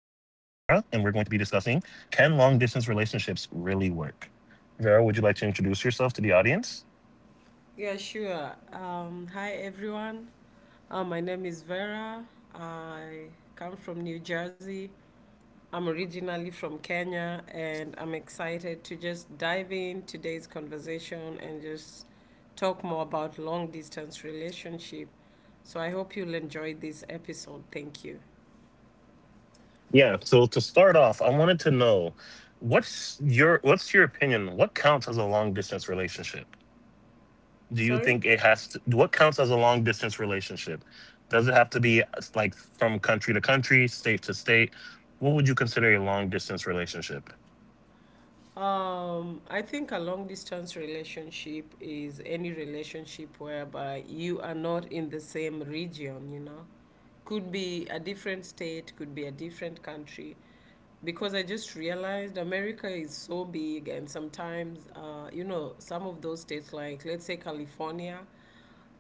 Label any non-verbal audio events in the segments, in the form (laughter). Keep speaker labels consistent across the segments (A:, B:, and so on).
A: and we're going to be discussing can long distance relationships really work? Vera, would you like to introduce yourself to the audience?
B: Yeah, sure. Hi, everyone. My name is Vera. I come from New Jersey. I'm originally from Kenya, and I'm excited to just dive in today's conversation and just talk more about long distance relationship. So I hope you'll enjoy this episode. Thank you.
A: Yeah. So to start off, I wanted to know what's your opinion? What counts as a long distance relationship? Do you
B: Sorry?
A: think it has to? What counts as a long distance relationship? Does it have to be like from country to country, state to state? What would you consider a long distance relationship?
B: I think a long distance relationship is any relationship whereby you are not in the same region, you know. Could be a different state, could be a different country. Because I just realized America is so big, and sometimes, you know, some of those states, like let's say California,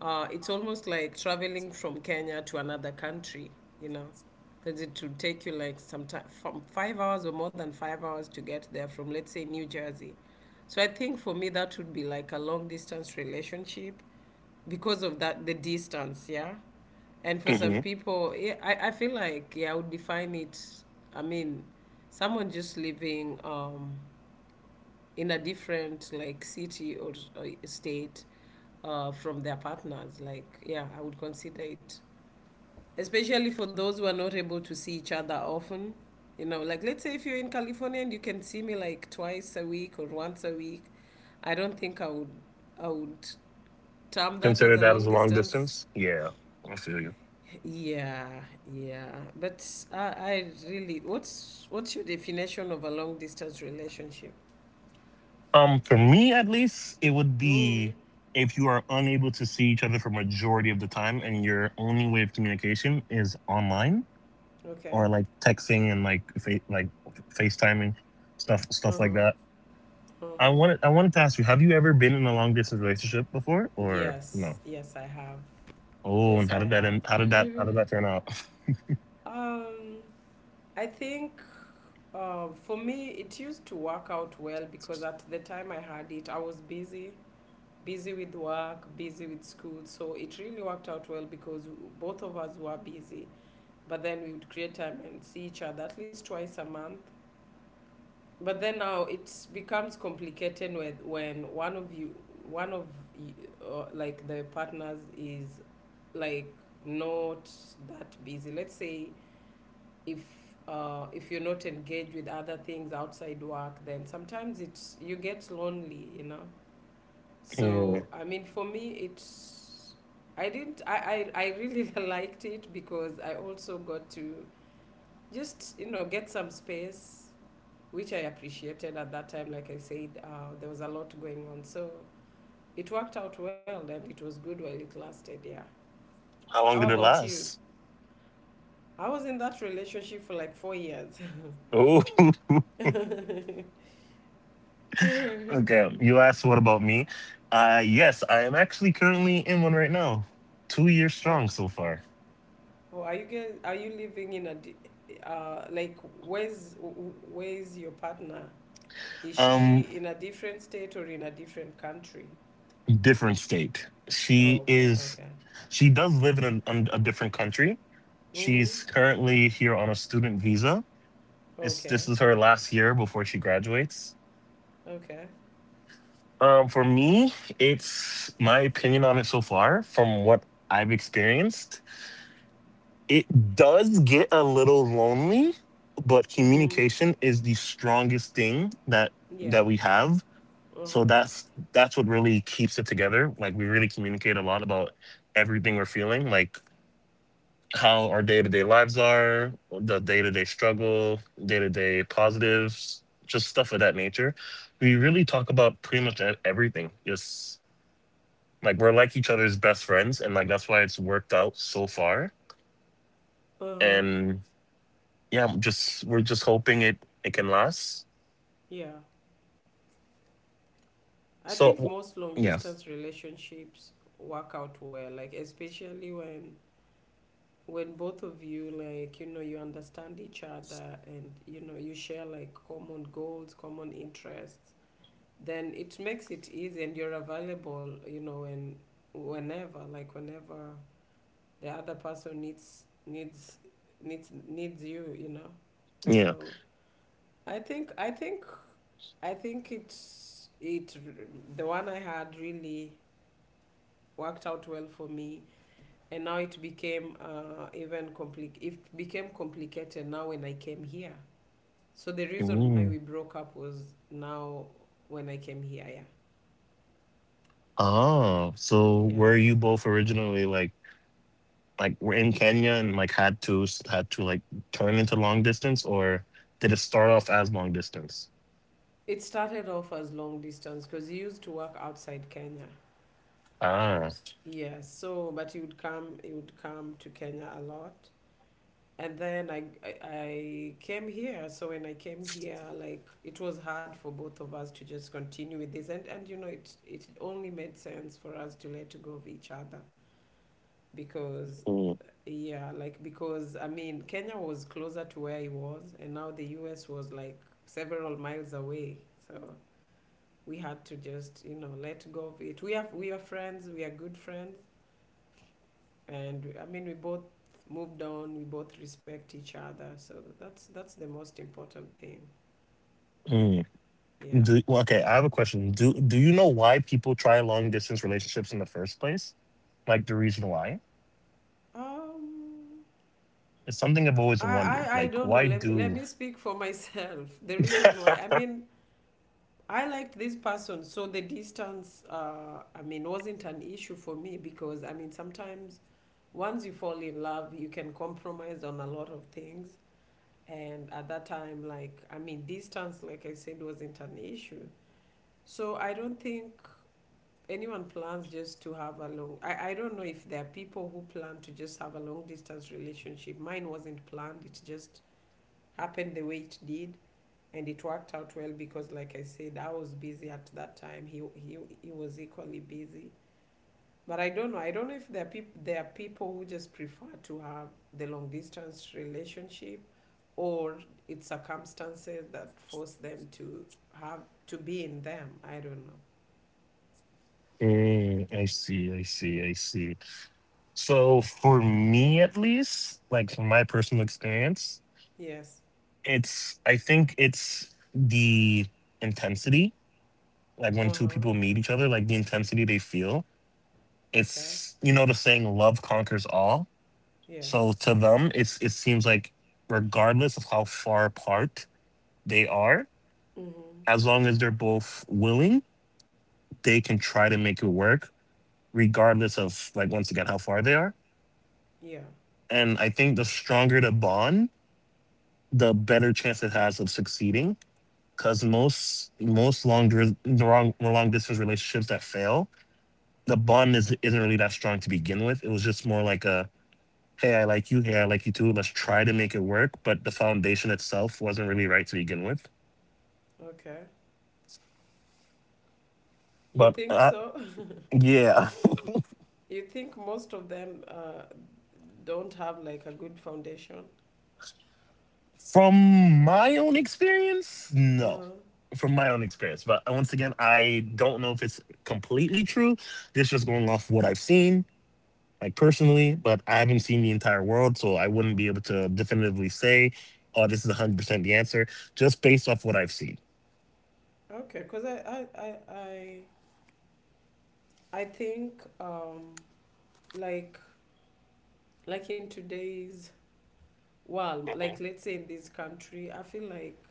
B: it's almost like traveling from Kenya to another country, you know, because it would take you like sometimes from 5 hours or more than 5 hours to get there from, let's say, New Jersey. So I think for me, that would be like a long distance relationship because of that, the distance, yeah. And for some people, yeah, I feel like, yeah, I would define it. I mean, someone just living, in a different like city or state from their partners. Like, yeah, I would consider it, especially for those who are not able to see each other often. You know, like let's say if you're in California and you can see me like twice a week or once a week, I don't think I would term that as
A: Consider
B: a
A: that
B: long
A: as a long
B: distance.
A: distance? Yeah, I feel you.
B: Yeah, yeah, but I really what's your definition of a long distance relationship?
A: For me at least, it would
B: Mm,
A: be if you are unable to see each other for majority of the time and your only way of communication is online
B: okay.
A: or like texting and like FaceTiming stuff
B: Uh
A: like
B: huh.
A: that.
B: Uh huh.
A: I wanted to ask you, have you ever been in a long distance relationship before or
B: Yes,
A: no?
B: yes, I have.
A: Oh,
B: Yes,
A: and
B: I
A: how did that
B: have.
A: end?
B: (laughs)
A: How did that turn out? (laughs)
B: Um, I think for me, it used to work out well because at the time I had it, I was busy, busy with work, busy with school. So it really worked out well because both of us were busy. But then we would create time and see each other at least twice a month. But then now it becomes complicated with when one of you, like the partners is like not that busy. Let's say if if you're not engaged with other things outside work, then sometimes it's you get lonely, you know.
A: Hmm.
B: So I mean, for me, it's I didn't I really (laughs) liked it because I also got to just you know get some space which I appreciated at that time. Like I said, there was a lot going on. So it worked out well and it was good while it lasted. Yeah.
A: How
B: How
A: long did it
B: about you?
A: last?
B: I was in that relationship for like 4 years.
A: Oh, (laughs)
B: (laughs) uh,
A: okay, you asked what about me? Yes, I am actually currently in one right now. 2 years strong so far.
B: oh, are you guys? Are you living in a? Di- like, where's where's your partner? Is
A: Um,
B: she in a different state or in a different country?
A: different state.
B: Oh, okay, okay.
A: She does live in a different country.
B: Mhm.
A: She's currently here on a student visa. It's
B: Okay,
A: this is her last year before she graduates.
B: okay.
A: Um, for me, it's my opinion on it so far from what I've experienced. It does get a little lonely, but
B: Mhm.
A: communication is the strongest thing that
B: Yeah.
A: we have,
B: Uh
A: so
B: huh.
A: that's what really keeps it together. Like we really communicate a lot about everything we're feeling, like how our day-to-day lives are, the day-to-day struggle, day-to-day positives, just stuff of that nature. We really talk about pretty much everything, just like we're like each other's best friends, and like that's why it's worked out so far.
B: Uh huh.
A: And yeah, I'm just we're just hoping it can last.
B: Yeah, I
A: So
B: think
A: w-
B: most long
A: yeah,
B: distance relationships work out well, like especially when both of you like you know you understand each other and you know you share like common goals, common interests. Then it makes it easy and you're available, you know, when whenever like whenever the other person needs you, you know.
A: yeah.
B: So I think I think I think it's it the one I had really worked out well for me and now it became even it became complicated now when I came here, so the reason why
A: Mm.
B: we broke up was now when I came here, yeah.
A: Oh, so were you
B: Yes,
A: both originally like were in Kenya and like had to like turn into long distance, or did it start off as long distance?
B: it started off as long distance because he used to work outside Kenya.
A: Ah.
B: Yes, so but he would come to Kenya a lot, and then I came here. So when I came here, like it was hard for both of us to just continue with this, and you know it only made sense for us to let go of each other because
A: Mm.
B: yeah, like because I mean Kenya was closer to where he was, and now the U.S. was like several miles away. So we had to just you know let go of it. We are friends. We are good friends, and I mean we both moved on. We both respect each other, so that's the most important thing.
A: Mm.
B: Yeah.
A: Do, well, okay, I have a question. Do you know why people try long distance relationships in the first place? Like the reason why?
B: Um.
A: It's something I've always
B: I
A: wondered.
B: I
A: Like,
B: don't know.
A: why
B: Let
A: do?
B: me speak for myself. (laughs) The reason why I mean I liked this person, so the distance I mean wasn't an issue for me because I mean sometimes once you fall in love, you can compromise on a lot of things. And at that time, like, I mean, distance, like I said, wasn't an issue. So I don't think anyone plans just to have a long I don't know if there are people who plan to just have a long distance relationship. Mine wasn't planned, it just happened the way it did, and it worked out well because like I said, I was busy at that time, he was equally busy. But I don't know, I don't know if there are people who just prefer to have the long distance relationship, or it's circumstances that force them to have to be in them. I don't know.
A: Mm, I see. I see. I see. So for me at least, like from my personal experience,
B: Yes.
A: it's I think it's the intensity. Like when two
B: Uh-huh.
A: people meet each other, like the intensity they feel.
B: Okay.
A: It's you know the saying love conquers all.
B: Yes.
A: So to them it seems like regardless of how far apart they are,
B: Mm-hmm.
A: as long as they're both willing, they can try to make it work, regardless of like once again how far they are.
B: Yeah.
A: And I think the stronger the bond, the better chance it has of succeeding. Because most long dir- long long distance relationships that fail, the bond is isn't really that strong to begin with. It was just more like a hey, I like you, hey, I like you too. Let's try to make it work. But the foundation itself wasn't really right to begin with.
B: Okay. You
A: But
B: think so? (laughs)
A: yeah,
B: You think most of them don't have like a good foundation?
A: (laughs) from my own experience,
B: Uh-huh.
A: no. From my own experience, but once again, I don't know if it's completely true. This just going off what I've seen like personally, but I haven't seen the entire world, so I wouldn't be able to definitively say, "Oh, this is 100% the answer," just based off what I've seen.
B: Okay. Because I I think like like in today's world, like
A: Mhm,
B: let's say in this country, I feel like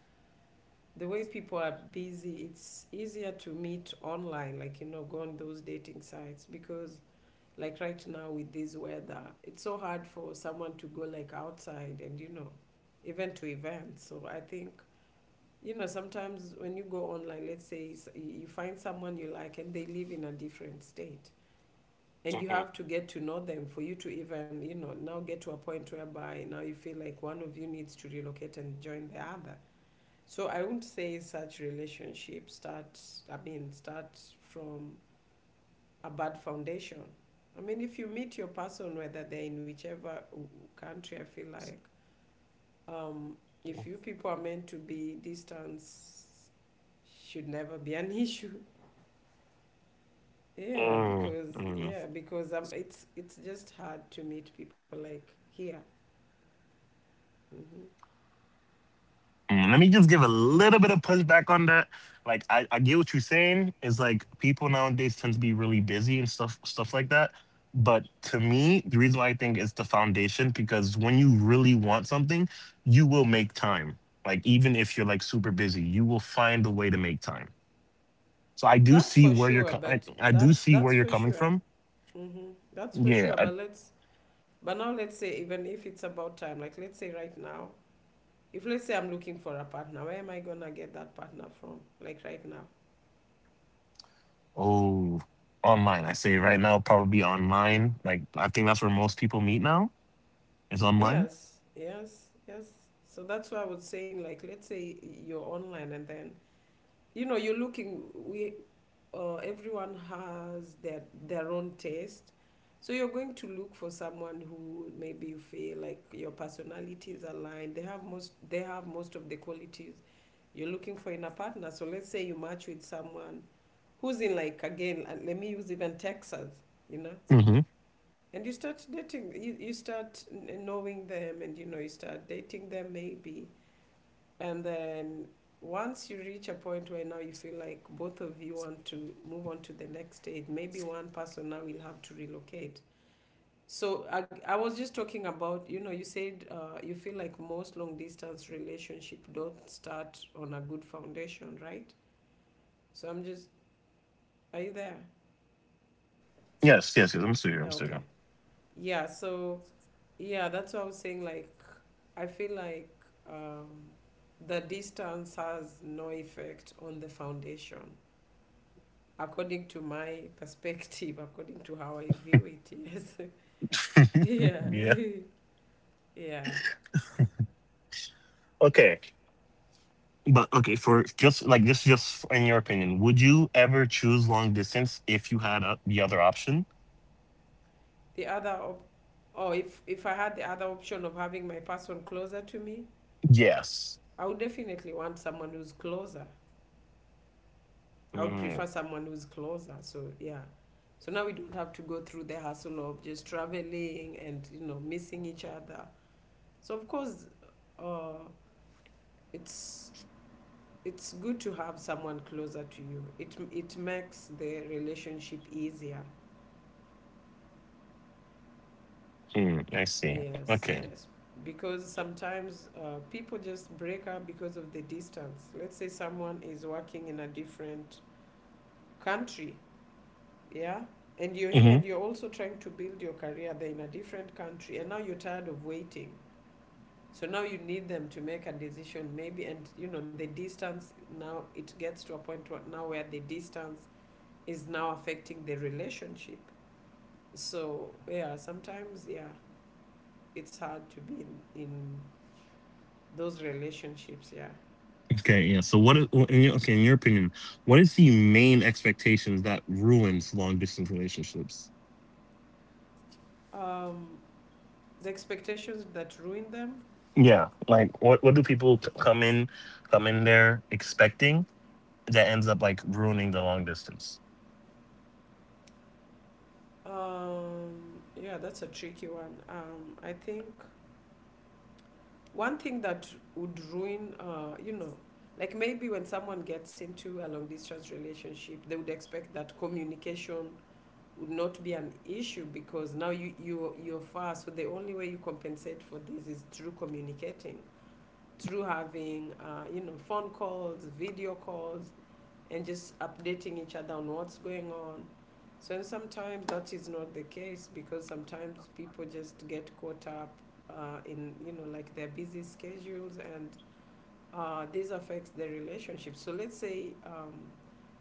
B: the way people are busy, it's easier to meet online, like you know, go on those dating sites because like right now with this weather it's so hard for someone to go like outside and you know even to events. So I think you know sometimes when you go online, let's say you you find someone you like and they live in a different state, and you
A: mhm.
B: have to get to know them for you to even you know now get to a point whereby now you feel like one of you needs to relocate and join the other. So I wouldn't say such relationships start, I mean start from a bad foundation. I mean, if you meet your person, whether they're in whichever country, I feel like um, if you people are meant to be, distance should never be an (laughs) issue.
A: Mm, mm,
B: Yeah, because it's just hard to meet people like here. Hmm.
A: mm. Let me just give a little bit of pushback on that. Like, I get what you're saying. It's like people nowadays tend to be really busy and stuff like that. But to me, the reason why I think it's the foundation because when you really want something, you will make time. Like, even if you're like super busy, you will find a way to make time. So I do
B: That's
A: see
B: for
A: where
B: sure, but
A: I do
B: that's
A: see where
B: that's
A: you're
B: for
A: coming
B: sure.
A: from.
B: Hmm. That's for
A: Yeah.
B: sure. But let's but now let's say even if it's about time, like let's say right now if let's say I'm looking for a partner, where am I gonna get that partner from? Like right now?
A: Oh, online. I say right now probably online. Like I think that's where most people meet now. Is online.
B: Yes, yes, yes. So that's why I was saying, like, let's say you're online and then you know you're looking. We everyone has their own taste, so you're going to look for someone who maybe you feel like your personalities align. They have most of the qualities you're looking for in a partner. So let's say you match with someone who's in like again. Let me use even Texas. You know,
A: Mm-hmm.
B: and you start dating you start knowing them and you know you start dating them maybe, and then once you reach a point where now you feel like both of you want to move on to the next stage, maybe one person now will have to relocate. So I was just talking about you know you said you feel like most long distance relationship don't start on a good foundation, right? So I'm just are you there?
A: Yes. Yes. Yes. I'm still here.
B: Yeah
A: I'm still
B: okay.
A: here.
B: Yeah, so yeah, that's what I was saying, like I feel like um, the distance has no effect on the foundation. According to my (laughs) perspective, according to how I view it, yes. (laughs) Yeah. (laughs)
A: Yeah.
B: Yeah.
A: Okay. But okay, for just like this, just in your opinion, would you ever choose long distance if you had the other option?
B: The other, oh, if I had the other option of having my person closer to me,
A: Yes.
B: I would definitely want someone who's closer. I would prefer
A: Mm,
B: someone who's closer. So, yeah. So now we don't have to go through the hassle of just traveling and, you know, missing each other. So, of course, uh, it's it's good to have someone closer to you. It makes the relationship easier.
A: mm, I see.
B: Yes,
A: Okay.
B: yes. Because sometimes people just break up because of the distance. Let's say someone is working in a different country, yeah, and you're here and
A: Mhm.
B: you're also trying to build your career there in a different country, and now you're tired of waiting. So now you need them to make a decision, maybe, and you know the distance now it gets to a point where now where the distance is now affecting the relationship. So yeah, sometimes yeah, it's hard to be in those relationships. Yeah,
A: Okay, yeah. So what? Okay, in your opinion, what is the main expectations that ruins long distance relationships?
B: um, the expectations that ruin them.
A: Yeah, like what come in there expecting that ends up like ruining the long distance?
B: Yeah, that's a tricky one. I think one thing that would ruin, like maybe when someone gets into a long distance relationship, they would expect that communication would not be an issue because now you're far, so the only way you compensate for this is through communicating, through having phone calls, video calls, and just updating each other on what's going on. So, and sometimes that is not the case because sometimes people just get caught up in, you know, like their busy schedules, and this affects the relationship. So let's say,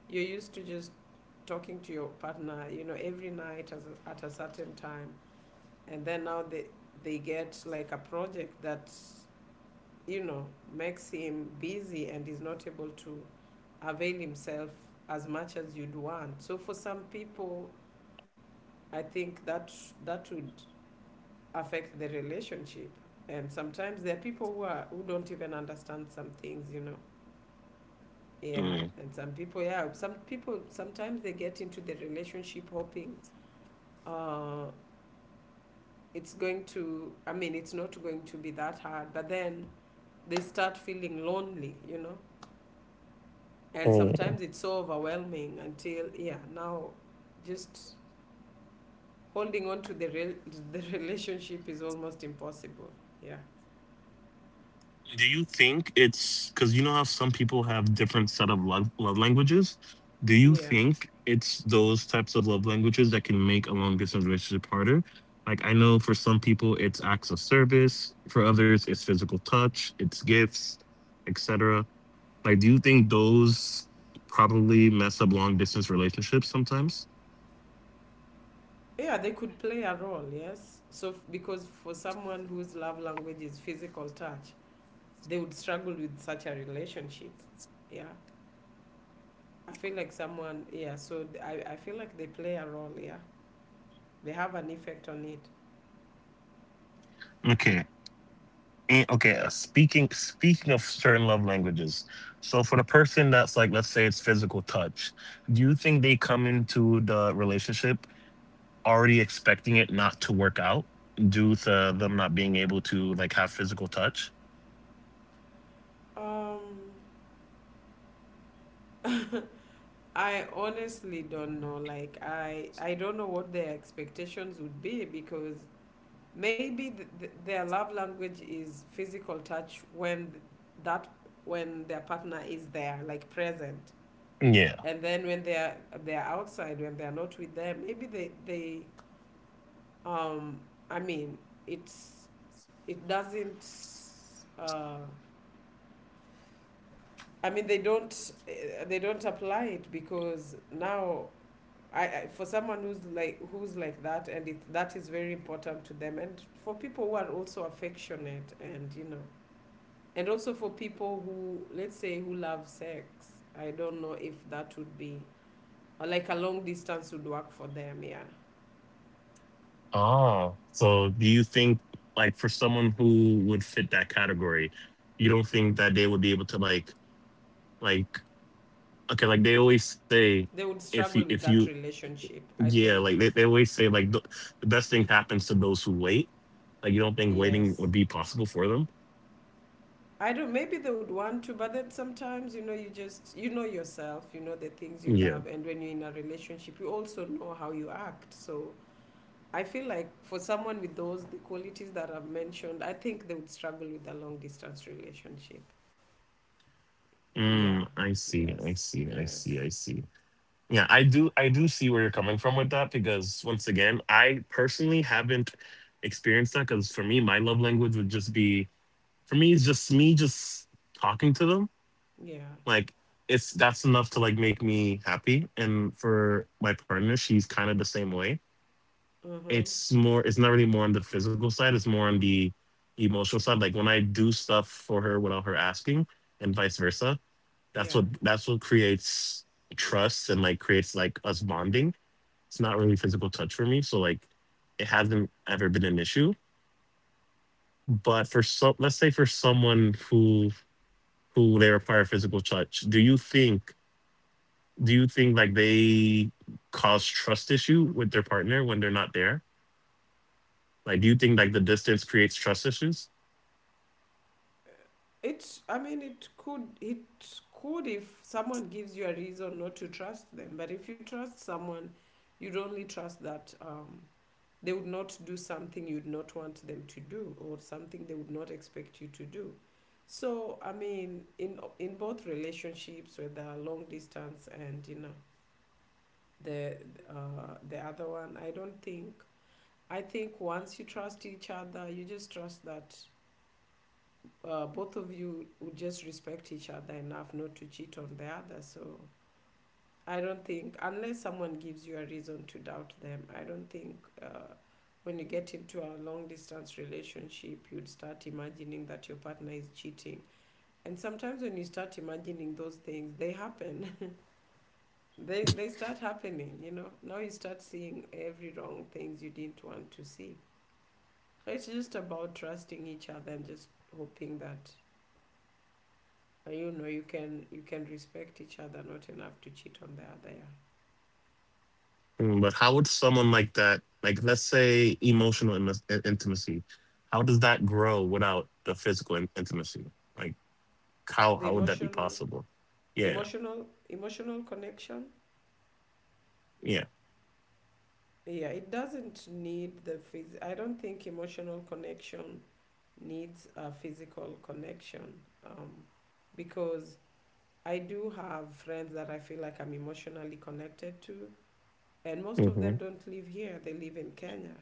B: you're used to just talking to your partner, you know, every night as at a certain time, and then now they get like a project that, you know, makes him busy and is not able to avail himself as much as you'd want. So for some people, I think that that would affect the relationship. And sometimes there are people who don't even understand some things, you know. Yeah,
A: Mm.
B: and some people, yeah, some people sometimes they get into the relationship hoping uh, it's going to, I mean it's not going to be that hard, but then they start feeling lonely, you know. And sometimes it's so overwhelming until, yeah, now just holding on to the (laughs) relationship is almost impossible. Yeah.
A: Do you think it's because you know how some people have different set of love languages? Do you
B: Yeah.
A: think it's those types of love languages that can make a long distance relationship harder? Like I know for some people it's acts of service, for others it's physical touch, it's gifts, etc. Like, do you think those probably mess up long distance relationships sometimes?
B: Yeah, they could play a role. Yes, so because for someone whose love language is physical touch, they would struggle with such a relationship. Yeah. I feel like someone, yeah, so I feel like they play a role. Yeah, they have an effect on it.
A: Okay. And okay, speaking of certain love languages. So for the person that's like, let's say it's physical touch, do you think they come into the relationship already expecting it not to work out due to them not being able to like have physical touch?
B: um (laughs) I honestly don't know, like I don't know what their expectations would be, because maybe their love language is physical touch when th- that when their partner is there, like present,
A: Yeah.
B: and then when they're outside, when they're not with them, maybe they um I mean it's it doesn't uh I mean, they don't eh, they don't apply it because now I for someone who's like, who's like that and that is very important to them, and for people who are also affectionate, and you know, and also for people who, let's say, who love sex, I don't know if that would be, or like a long distance would work for them. Yeah,
A: Oh. So do you think like for someone who would fit that category, you don't think that they would be able to like like okay, like they always say
B: they would struggle
A: if
B: with
A: you
B: that relationship, I
A: yeah,
B: think.
A: like they always say, like the best thing happens to those who wait. Like you don't think waiting
B: Yes.
A: would be possible for them.
B: I don't. Maybe they would want to, but then sometimes you know, you just, you know yourself. You know the things you
A: Yeah.
B: love, and when you're in a relationship, you also know how you act. So I feel like for someone with those the qualities that I've mentioned, I think they would struggle with a long distance relationship. Yeah.
A: Mm, I see. I
B: Yes.
A: see. I see.
B: Yes.
A: I see. Yeah, I do. I do see where you're coming from with that because once again, I personally haven't experienced that. Because for me, my love language would just be for me. It's just me just talking to them.
B: Yeah.
A: Like it's that's enough to like make me happy. And for my partner, she's kind of the same way.
B: Mm-hmm.
A: It's not really more on the physical side, it's more on the emotional side. Like when I do stuff for her without her asking and vice versa,
B: Yeah.
A: that's what creates trust and like creates like us bonding. It's not really physical touch for me, so like it hasn't ever been an issue. But for some, let's say for someone who they require physical touch, do you think like they cause trust issue with their partner when they're not there? Like do you think like the distance creates trust issues?
B: It. I mean, it could. It could, if someone gives you a reason not to trust them. But if you trust someone, you'd only trust that. They would not do something you'd not want them to do, or something they would not expect you to do. So, I mean, in both relationships, whether long distance, and you know, the the other one, I don't think. I think once you trust each other, you just trust that both of you would just respect each other enough not to cheat on the other. So I don't think, unless someone gives you a reason to doubt them, I don't think uh, when you get into a long distance relationship, you'd start imagining that your partner is cheating. And sometimes when you start imagining those things, they happen. (laughs) They start happening, you know. Now you start seeing every wrong things you didn't want to see. So it's just about trusting each other and just hoping that, you know, you can respect each other not enough to cheat on the other. Yeah.
A: Mm, but how would someone like that, like let's say emotional intimacy, how does that grow without the physical intimacy? Like
B: The
A: how would that be
B: emotional,
A: possible? Yeah,
B: emotional connection.
A: yeah.
B: Yeah, it doesn't need the phys- I don't think emotional connection needs a physical connection. um, because I do have friends that I feel like I'm emotionally connected to, and most of them
A: Mm-hmm.
B: don't live here, they live in Kenya.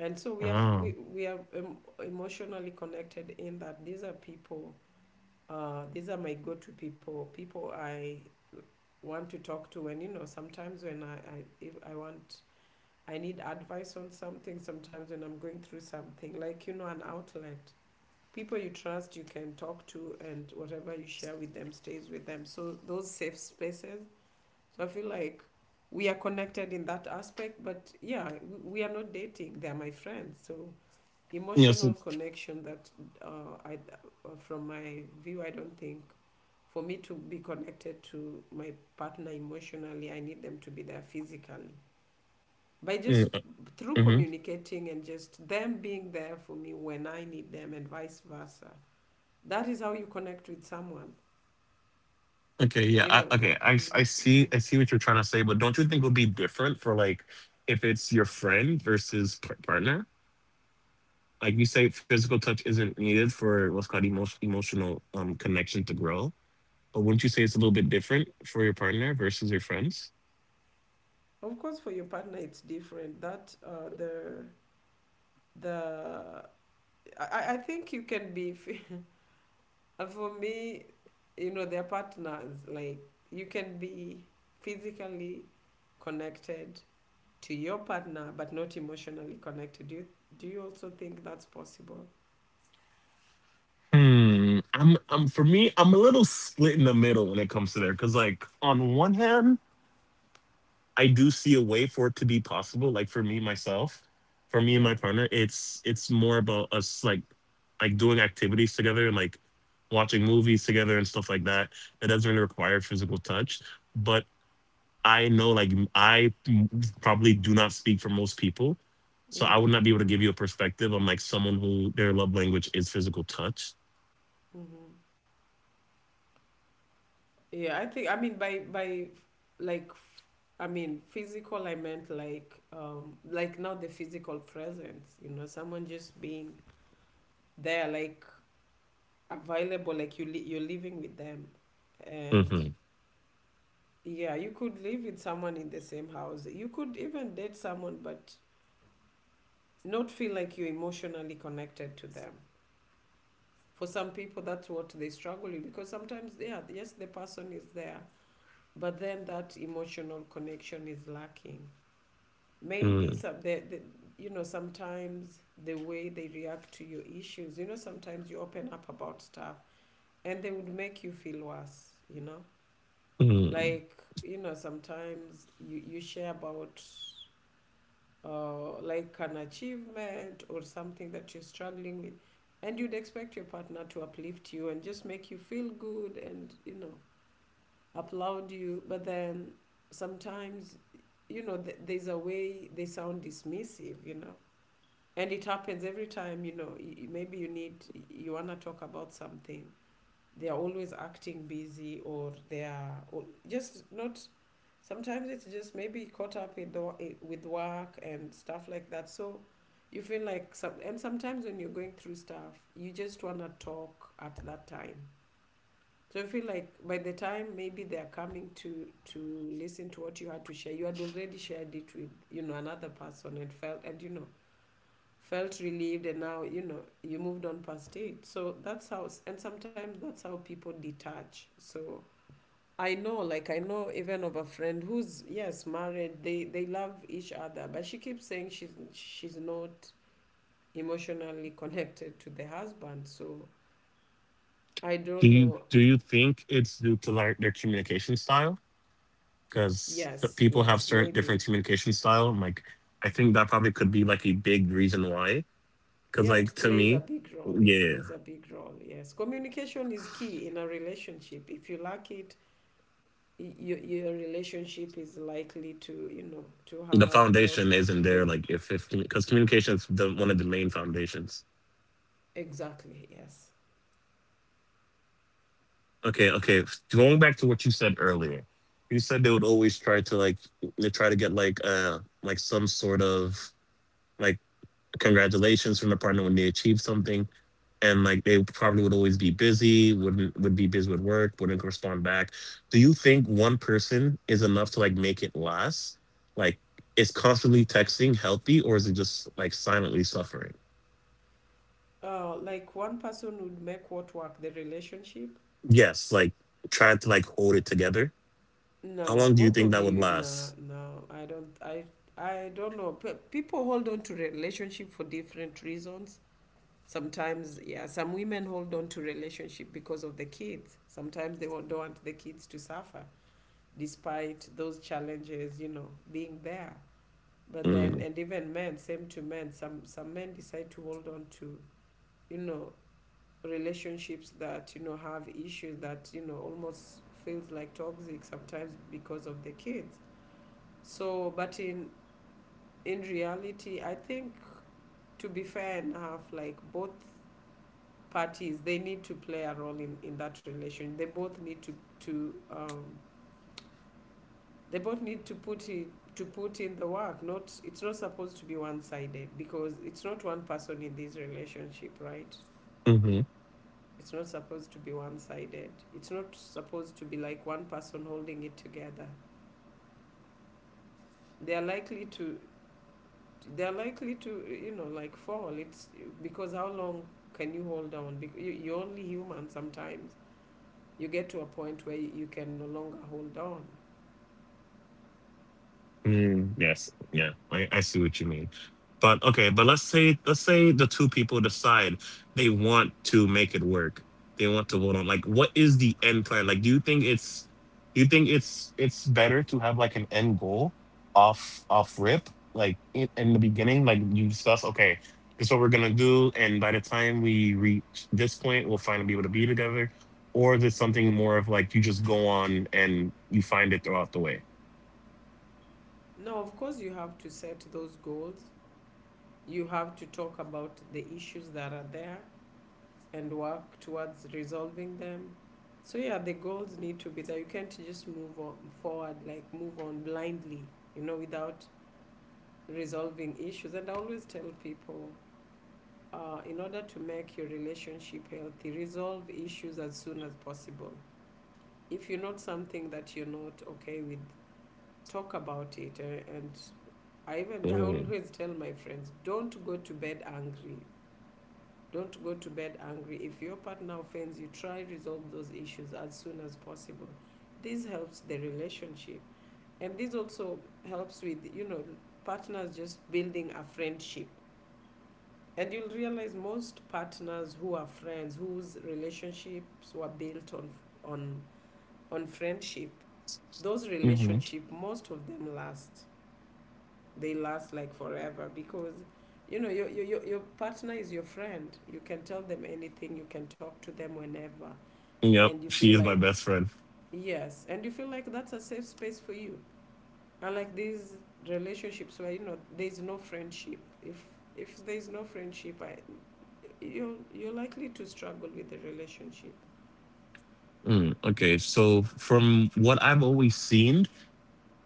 B: And so
A: Oh,
B: we are emotionally connected, in that these are people, these are my go-to people, people I want to talk to. And you know, sometimes when I, if I want, I need advice on something, sometimes when I'm going through something, like, you know, an outlet. People you trust, you can talk to, and whatever you share with them stays with them. So, those safe spaces. So, I feel like we are connected in that aspect, but yeah, we are not dating. They're my friends. So,
A: yeah.
B: emotional
A: So,
B: connection that, uh, I, from my view, I don't think for me to be connected to my partner emotionally, I need them to be there physically, by
A: mm,
B: just, through
A: mm-hmm.
B: communicating, and just them being there for me when I need them, and vice versa. That is how you connect with someone,
A: Okay, yeah.
B: you know.
A: Okay, I see what you're trying to say, but don't you think it would be different for like if it's your friend versus partner? Like you say, physical touch isn't needed for what's called emotional connection to grow. But wouldn't you say it's a little bit different for your partner versus your friends?
B: Of course, for your partner, it's different. That, the I think you can be (laughs) for me, you know, their partners like, you can be physically connected to your partner but not emotionally connected. Do you also think that's possible?
A: Hmm. I'm for me, I'm a little split in the middle when it comes to there. Cause like on one hand, I do see a way for it to be possible. Like for me myself, for me and
B: Yeah.
A: my partner, it's more about us like doing activities together and like watching movies together and stuff like that. It doesn't really require physical touch. But I know, like, I probably do not speak for most people. So I
B: Yeah.
A: would not be able to give you a perspective on like someone who their love language is physical touch.
B: Mm-hmm. Yeah, I think, I mean, like f- I mean physical, I meant like, like not the physical presence, you know, someone just being there, like available, like you're living with them. And
A: Hmm.
B: yeah, you could live with someone in the same house. You could even date someone but not feel like you're emotionally connected to them. For some people that's what they struggle with, because sometimes, yeah, yes, the person is there, but then that emotional connection is lacking.
A: Hmm.
B: Maybe you know, sometimes the way they react to your issues, you know, sometimes you open up about stuff and they would make you feel worse, you know.
A: Do
B: Like, you know, sometimes you share about, like an achievement or something that you're struggling with, and you'd expect your partner to uplift you and just make you feel good, and you know, applaud you, but then sometimes, you know, there's a way they sound dismissive, you know. And it happens every time, you know. Maybe you want to talk about something, they are always acting busy, or they are just not, sometimes it's just maybe caught up in the, with work and stuff like that. So you feel like some and sometimes when you're going through stuff you just want to talk at that time. So I feel like by the time maybe they are coming to listen to what you had to share, you had already shared it with, you know, another person, and felt, and you know, felt relieved, and now, you know, you moved on past it. So that's how, and sometimes that's how people detach. So I know, like, I know even of a friend who's, yes, married, they love each other, but she keeps saying she's not emotionally connected to the husband. So I don't know.
A: do you think it's due to like their communication style? Because
B: Yes,
A: people have
B: yes,
A: certain
B: maybe.
A: different communication style. And, like, I think that probably could be like a big reason why. Because
B: Yeah,
A: like
B: it
A: to
B: plays a
A: me,
B: big role, it
A: yeah,
B: plays a big role. Yes, communication is key in a relationship. If you lack it, your relationship is likely to, you know, to
A: the
B: have lot,
A: foundation isn't there.
B: the,
A: Like if because communication is one of the main foundations.
B: exactly, yes.
A: Okay, okay. Going back to what you said earlier, you said they would always try to like they try to get like some sort of like congratulations from the partner when they achieve something, and like they probably would always be busy, wouldn't would be busy with work, wouldn't respond back. Do you think one person is enough to like make it last? Like, is constantly texting healthy, or is it just like silently suffering?
B: Like one person would make what work, the relationship?
A: Yes, like trying to like hold it together. How
B: No,
A: long do you
B: both
A: think
B: of
A: that would
B: you. No,
A: last?
B: no, I don't, I don't know. People hold on to relationship for different reasons. Sometimes, yeah, some women hold on to relationship because of the kids, sometimes they don't want the kids to suffer despite those challenges, you know, being there. But then,
A: Mm-hmm.
B: and even men, same to men. Some men decide to hold on to, you know, relationships that, you know, have issues that, you know, almost feels like toxic, sometimes, because of the kids. So, but in reality, I think, to be fair enough, like, both parties, they need to play a role in that relation. They both need to, to um, they both need to put it to put in the work. Not It's not supposed to be one-sided, because it's not one person in this relationship, right? It's not supposed to be one-sided. It's not supposed to be like one person holding it together. They are likely to, they are likely to, you know, like fall. It's because, how long can you hold on? Because you're only human. Sometimes you get to a point where you can no longer hold on.
A: Mm, yes. Yeah. I see what you mean. But okay, but let's say the two people decide they want to make it work. They want to vote on like what is the end plan? Like do you think it's do you think it's better to have like an end goal off rip? Like in the beginning, like you discuss, okay, this is what we're gonna do, and by the time we reach this point, we'll finally be able to be together. Or is it something more of like you just go on and you find it throughout the way?
B: No, of course you have to set those goals. You have to talk about the issues that are there and work towards resolving them. So yeah, the goals need to be there. You can't just move on forward, like move on blindly, you know, without resolving issues. And I always tell people, in order to make your relationship healthy, resolve issues as soon as possible. If you're not something that you're not okay with, talk about it. And I
A: Mm.
B: always tell my friends, don't go to bed angry. Don't go to bed angry. If your partner offends you, try to resolve those issues as soon as possible. This helps the relationship, and this also helps with, partners just building a friendship. And you'll realize most partners who are friends, whose relationships were built on on friendship, those relationship most of them last, they last like forever because you know your partner is your friend, you can tell them anything, you can talk to them whenever,
A: Yep,
B: and you feel
A: she is my
B: like,
A: best friend.
B: yes, and you feel like that's a safe space for you, unlike these relationships where you know there's no friendship. If there's no friendship, you're likely to struggle with the relationship.
A: Mm, okay, so from what I've always seen,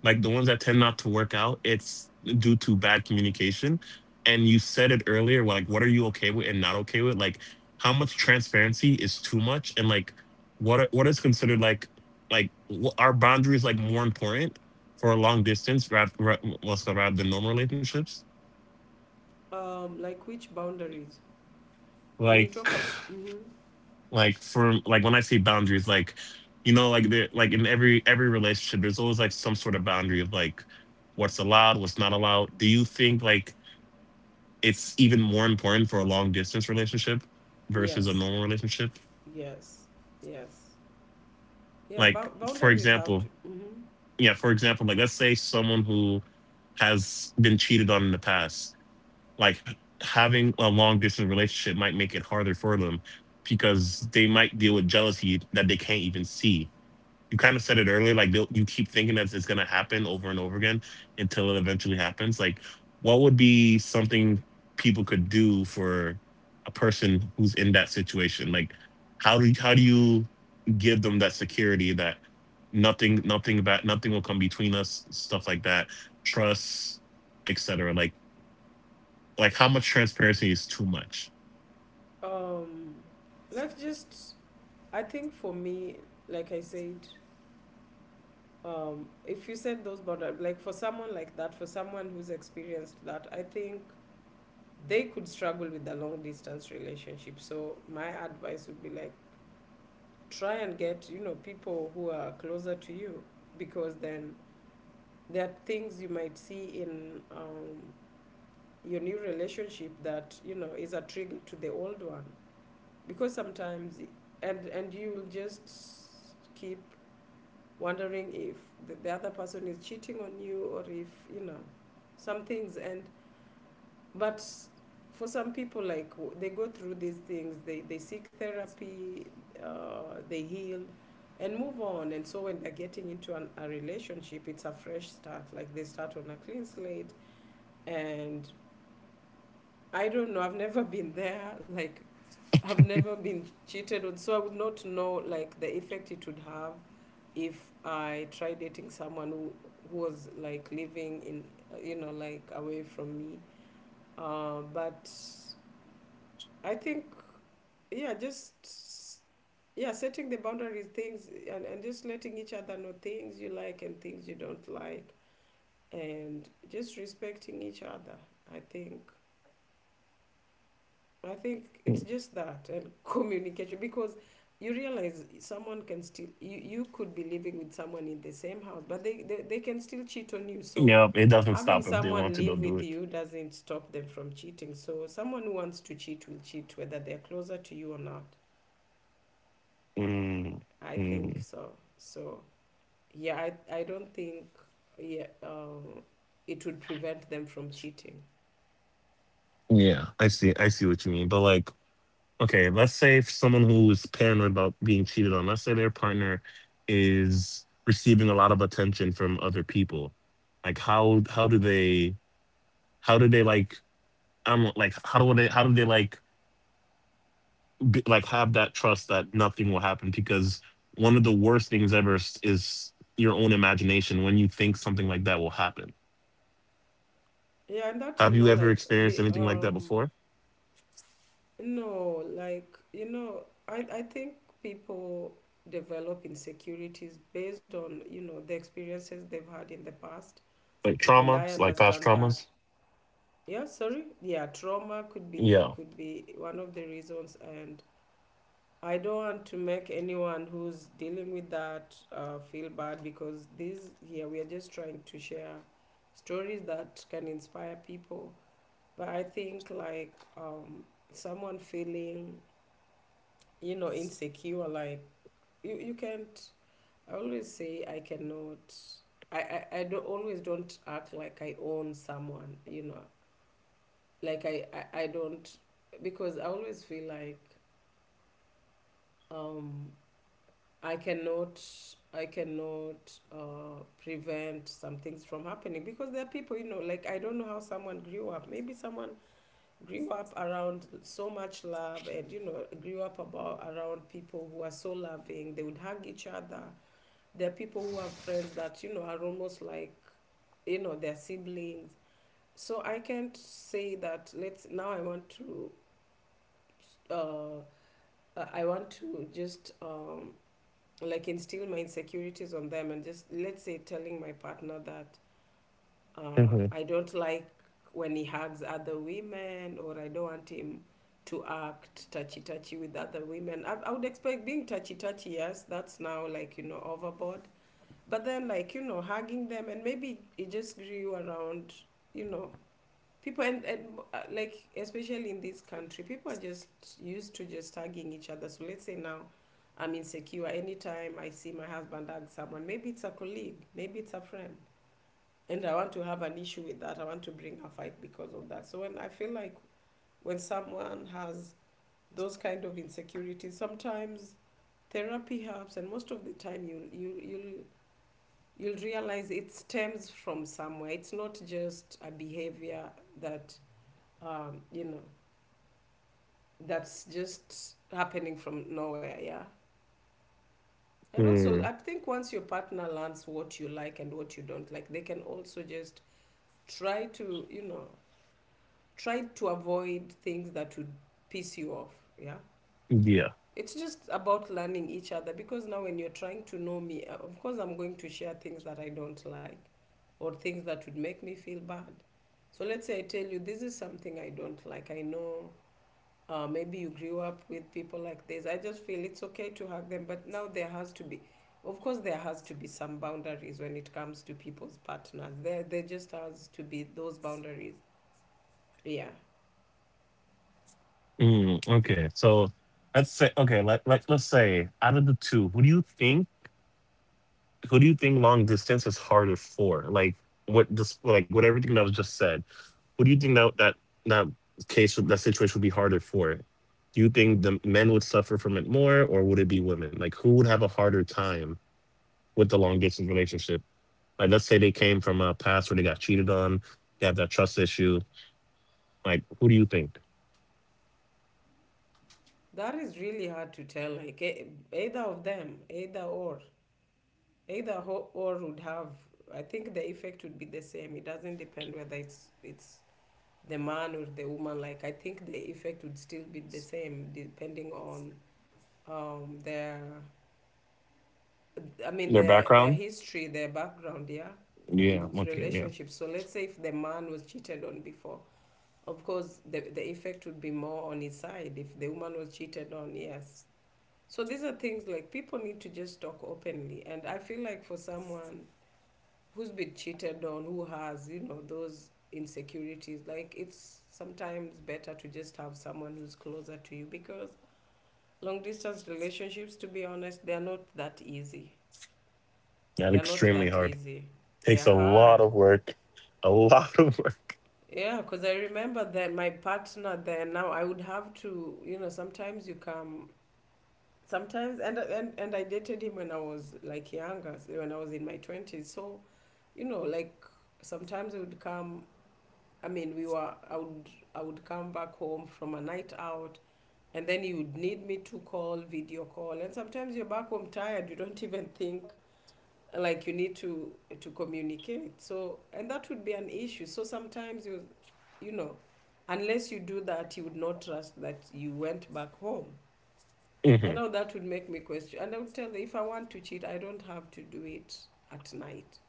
A: like the ones that tend not to work out, it's due to bad communication. And you said it earlier, like, what are you okay with and not okay with? Like, how much transparency is too much, and like, what is considered like wh- are boundaries like more important for a long distance rather than normal relationships?
B: Like which boundaries when
A: Like.
B: you talk about, mm-hmm,
A: Like for like when I see boundaries like you know like there like in every relationship there's always like some sort of boundary of like what's allowed what's not allowed do you think like it's even more important for a long distance relationship versus a
B: yes,
A: normal relationship
B: yes, yes, yeah,
A: like for
B: boundaries have
A: example
B: to, mhm.
A: yeah for example like let's say someone who has been cheated on in the past like having a long distance relationship might make it harder for them because they might deal with jealousy that they can't even see you kind of said it earlier like they'll- you keep thinking that it's going to happen over and over again until it eventually happens like what would be something people could do for a person who's in that situation like how do you give them that security that nothing about nothing will come between us stuff like that trust etc like how much transparency is too much
B: Um, like just, I think for me, like I said, if you set those boundaries, like for someone like that, for someone who's experienced that, I think they could struggle with the long distance relationship. So my advice would be like, try and get, you know, people who are closer to you, because then there are things you might see in, your new relationship that, you know, is a trigger to the old one. Because sometimes, and you'll just keep wondering if the other person is cheating on you, or if, you know, some things. And but for some people like they go through these things, they seek therapy, they heal and move on. And so when they're getting into a relationship, it's a fresh start, like they start on a clean slate. And I don't know, I've never (laughs) been there, like, have never been cheated on, so I would not know like the effect it would have if I tried dating someone who was like living in, you know, like away from me. But I think, yeah, just, yeah, setting the boundaries, things, and just letting each other know things you like and things you don't like, and just respecting each other. I think I think it's just that and (laughs) communication, because you realize someone can still, you could be living with someone in the same house, but they, they can still cheat on you. So
A: yep it doesn't
B: having
A: stop if they want
B: someone
A: to they'll
B: live
A: do
B: with
A: it.
B: you doesn't stop them from cheating. So someone who wants to cheat will cheat whether they're closer to you or not.
A: Mm.
B: I think
A: Mm.
B: so. So yeah, I don't think, yeah, it would prevent them from cheating.
A: Yeah, I see I see what you mean but like okay, let's say if someone who is paranoid about being cheated on, let's say their partner is receiving a lot of attention from other people. Like how do they how do they I'm like how do they like be, like have that trust that nothing will happen because one of the worst things ever is your own imagination when you think something like that will happen.
B: Yeah, and that,
A: Have
B: you
A: you
B: know,
A: ever
B: like
A: experienced anything like that before?
B: No, like, you know, I think people develop insecurities based on, you know, the experiences they've had in the past.
A: Like
B: And
A: trauma,
B: I
A: like past
B: understand that.
A: traumas?
B: Yeah, sorry. Yeah, trauma could be
A: Yeah.
B: could be one of the reasons. And I don't want to make anyone who's dealing with that, feel bad, because this here we are just trying to share stories that can inspire people. But I think like, someone feeling, you know, insecure, like, you can't, I always say I cannot, i I don't always don't act like I own someone, you know, like I don't, because I always feel like, um I cannot, I cannot, prevent some things from happening, because there are people, you know, like I don't know how someone grew up. Maybe someone grew up around so much love, and you know, grew up about around people who are so loving, they would hug each other. There are people who have friends that, you know, are almost like, you know, their siblings. So I can't say that, let's now, I want to, uh I want to just, like instill my insecurities on them, and just let's say telling my partner that, I don't like when he hugs other women, or I don't want him to act touchy touchy with other women. I would expect being touchy touchy, yes, that's now like, you know, overboard. But then, like, you know, hugging them, and maybe it just grew around, you know, people, and like, especially in this country, people are just used to just hugging each other. So let's say now I'm insecure. Anytime I see my husband hug someone, maybe it's a colleague, maybe it's a friend, and I want to have an issue with that. I want to bring a fight because of that. So when I feel like when someone has those kind of insecurities, sometimes therapy helps, and most of the time you'll you'll realize it stems from somewhere. It's not just a behavior that, you know, that's just happening from nowhere. Yeah. And also,
A: Hmm.
B: I think once your partner learns what you like and what you don't like, they can also just try to, you know, try to avoid things that would piss you off. Yeah.
A: Yeah.
B: It's just about learning each other, because now when you're trying to know me, of course, I'm going to share things that I don't like or things that would make me feel bad. So let's say I tell you, this is something I don't like. I know, maybe you grew up with people like this. I just feel it's okay to hug them, but now there has to be, of course, there has to be some boundaries when it comes to people's partners. There just has to be those boundaries. Yeah.
A: Mm, okay, so. Let's say out of the two, who do you think long distance is harder for? Like what this like what everything that was just said. Who do you think that case would- that situation would be harder for? Do you think the men would suffer from it more, or would it be women? Like who would have a harder time with the long distance relationship? Like let's say they came from a past where they got cheated on, they have that trust issue. Like who do you think?
B: That is really hard to tell. Like, either of them, either or, either or would have. I think the effect would be the same. It doesn't depend whether it's the man or the woman. Like I think the effect would still be the same depending on, their, I mean
A: Their
B: their,
A: background?
B: history, their background. Yeah, in
A: Yeah.
B: those
A: Okay. Yeah.
B: relationships. So let's say if the man was cheated on before, of course the effect would be more on his side. If the woman was cheated on, yes. So these are things like people need to just talk openly. And I feel like for someone who's been cheated on, who has, you know, those insecurities, like it's sometimes better to just have someone who's closer to you, because long distance relationships, to be honest, they are not that easy.
A: That
B: They are not
A: extremely
B: that
A: hard.
B: easy. They
A: Takes
B: are
A: a lot
B: hard.
A: of work. A lot (laughs) of work.
B: Yeah, because I remember that my partner then, now I would have to, you know, sometimes you come sometimes, and I dated him when I was like younger, so when I was in my twenties. So, you know, like sometimes I would come. I mean, we were. I would. I would come back home from a night out, and then you would need me to call, video call, and sometimes you're back home tired. You don't (laughs) even think like you need to communicate. So, and that would be an issue. So sometimes you, you know, unless you do that, you would not trust that you went back home.
A: Mm-hmm.
B: And now that would make me question. And I would tell them if I want to cheat, I don't have to do it at night.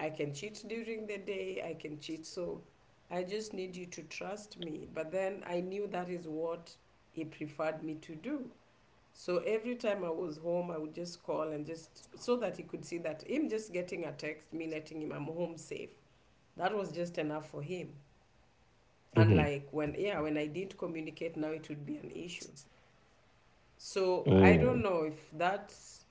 B: I can cheat during the day, I can cheat. So I just need you to trust me. But then I knew that is what he preferred me to do. So every time I was home, I would just call and just so that he could see that, him just getting a text, me letting him I'm home safe, that was just enough for him. And
A: Mm-hmm.
B: like when, yeah, when I didn't communicate, now it would be an issue. So I don't know if that's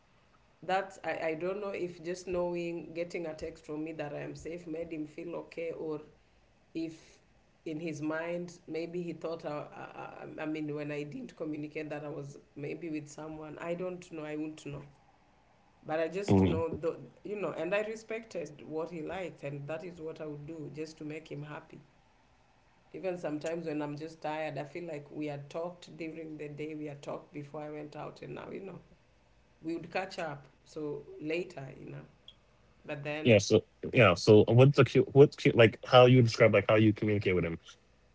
B: that, I don't know if just knowing, getting a text from me that I am safe made him feel okay, or if in his mind maybe he thought I mean when I didn't communicate that I was maybe with someone, I don't know, I would not know. But I just know
A: Mm-hmm.
B: the, you know, and I respected what he liked, and that is what I would do just to make him happy, even sometimes when I'm just tired. I feel like we had talked during the day, we had talked before I went out, and now, you know, we would catch up so later, you know, but
A: Yeah.
B: then,
A: So yeah. So what's the cu- what's cu- like how you describe like how you communicate with him?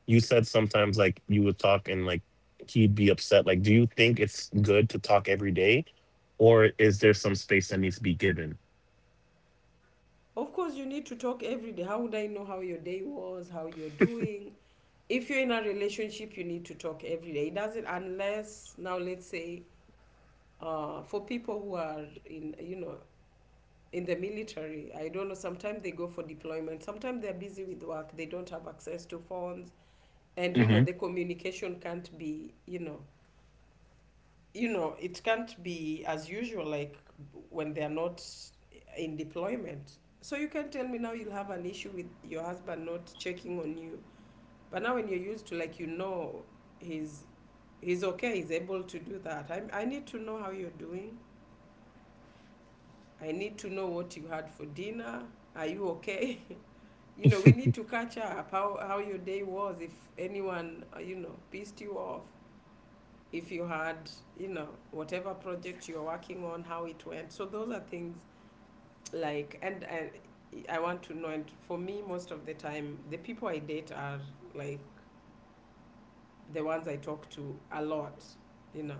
A: You said sometimes like you would talk and like he'd be upset. Like, do you think it's good to talk every day, or is there some space that needs to be given?
B: of course, you need to talk every day. How would I know how your day was, how you're doing? If you're in a relationship, you need to talk every day. It doesn't, unless now, let's say, for people who are in, you know, in the military, I don't know. Sometimes they go for deployment, sometimes they're busy with work, they don't have access to phones, and, you know,
A: Hmm.
B: the communication can't be, it can't be as usual like when they are not in deployment. So you can tell me now you'll have an issue with your husband not checking on you. But now when you're used to like you know he's he's okay, he's able to do that. I need to know how you're doing. I need to know what you had for dinner. Are you okay? (laughs) You know, we need to catch up how your day was, if anyone, you know, pissed you off. If you had, you know, whatever project you're working on, how it went. So those are things like, and I want to know. And for me, most of the time, the people I date are like the ones I talk to a lot, you know.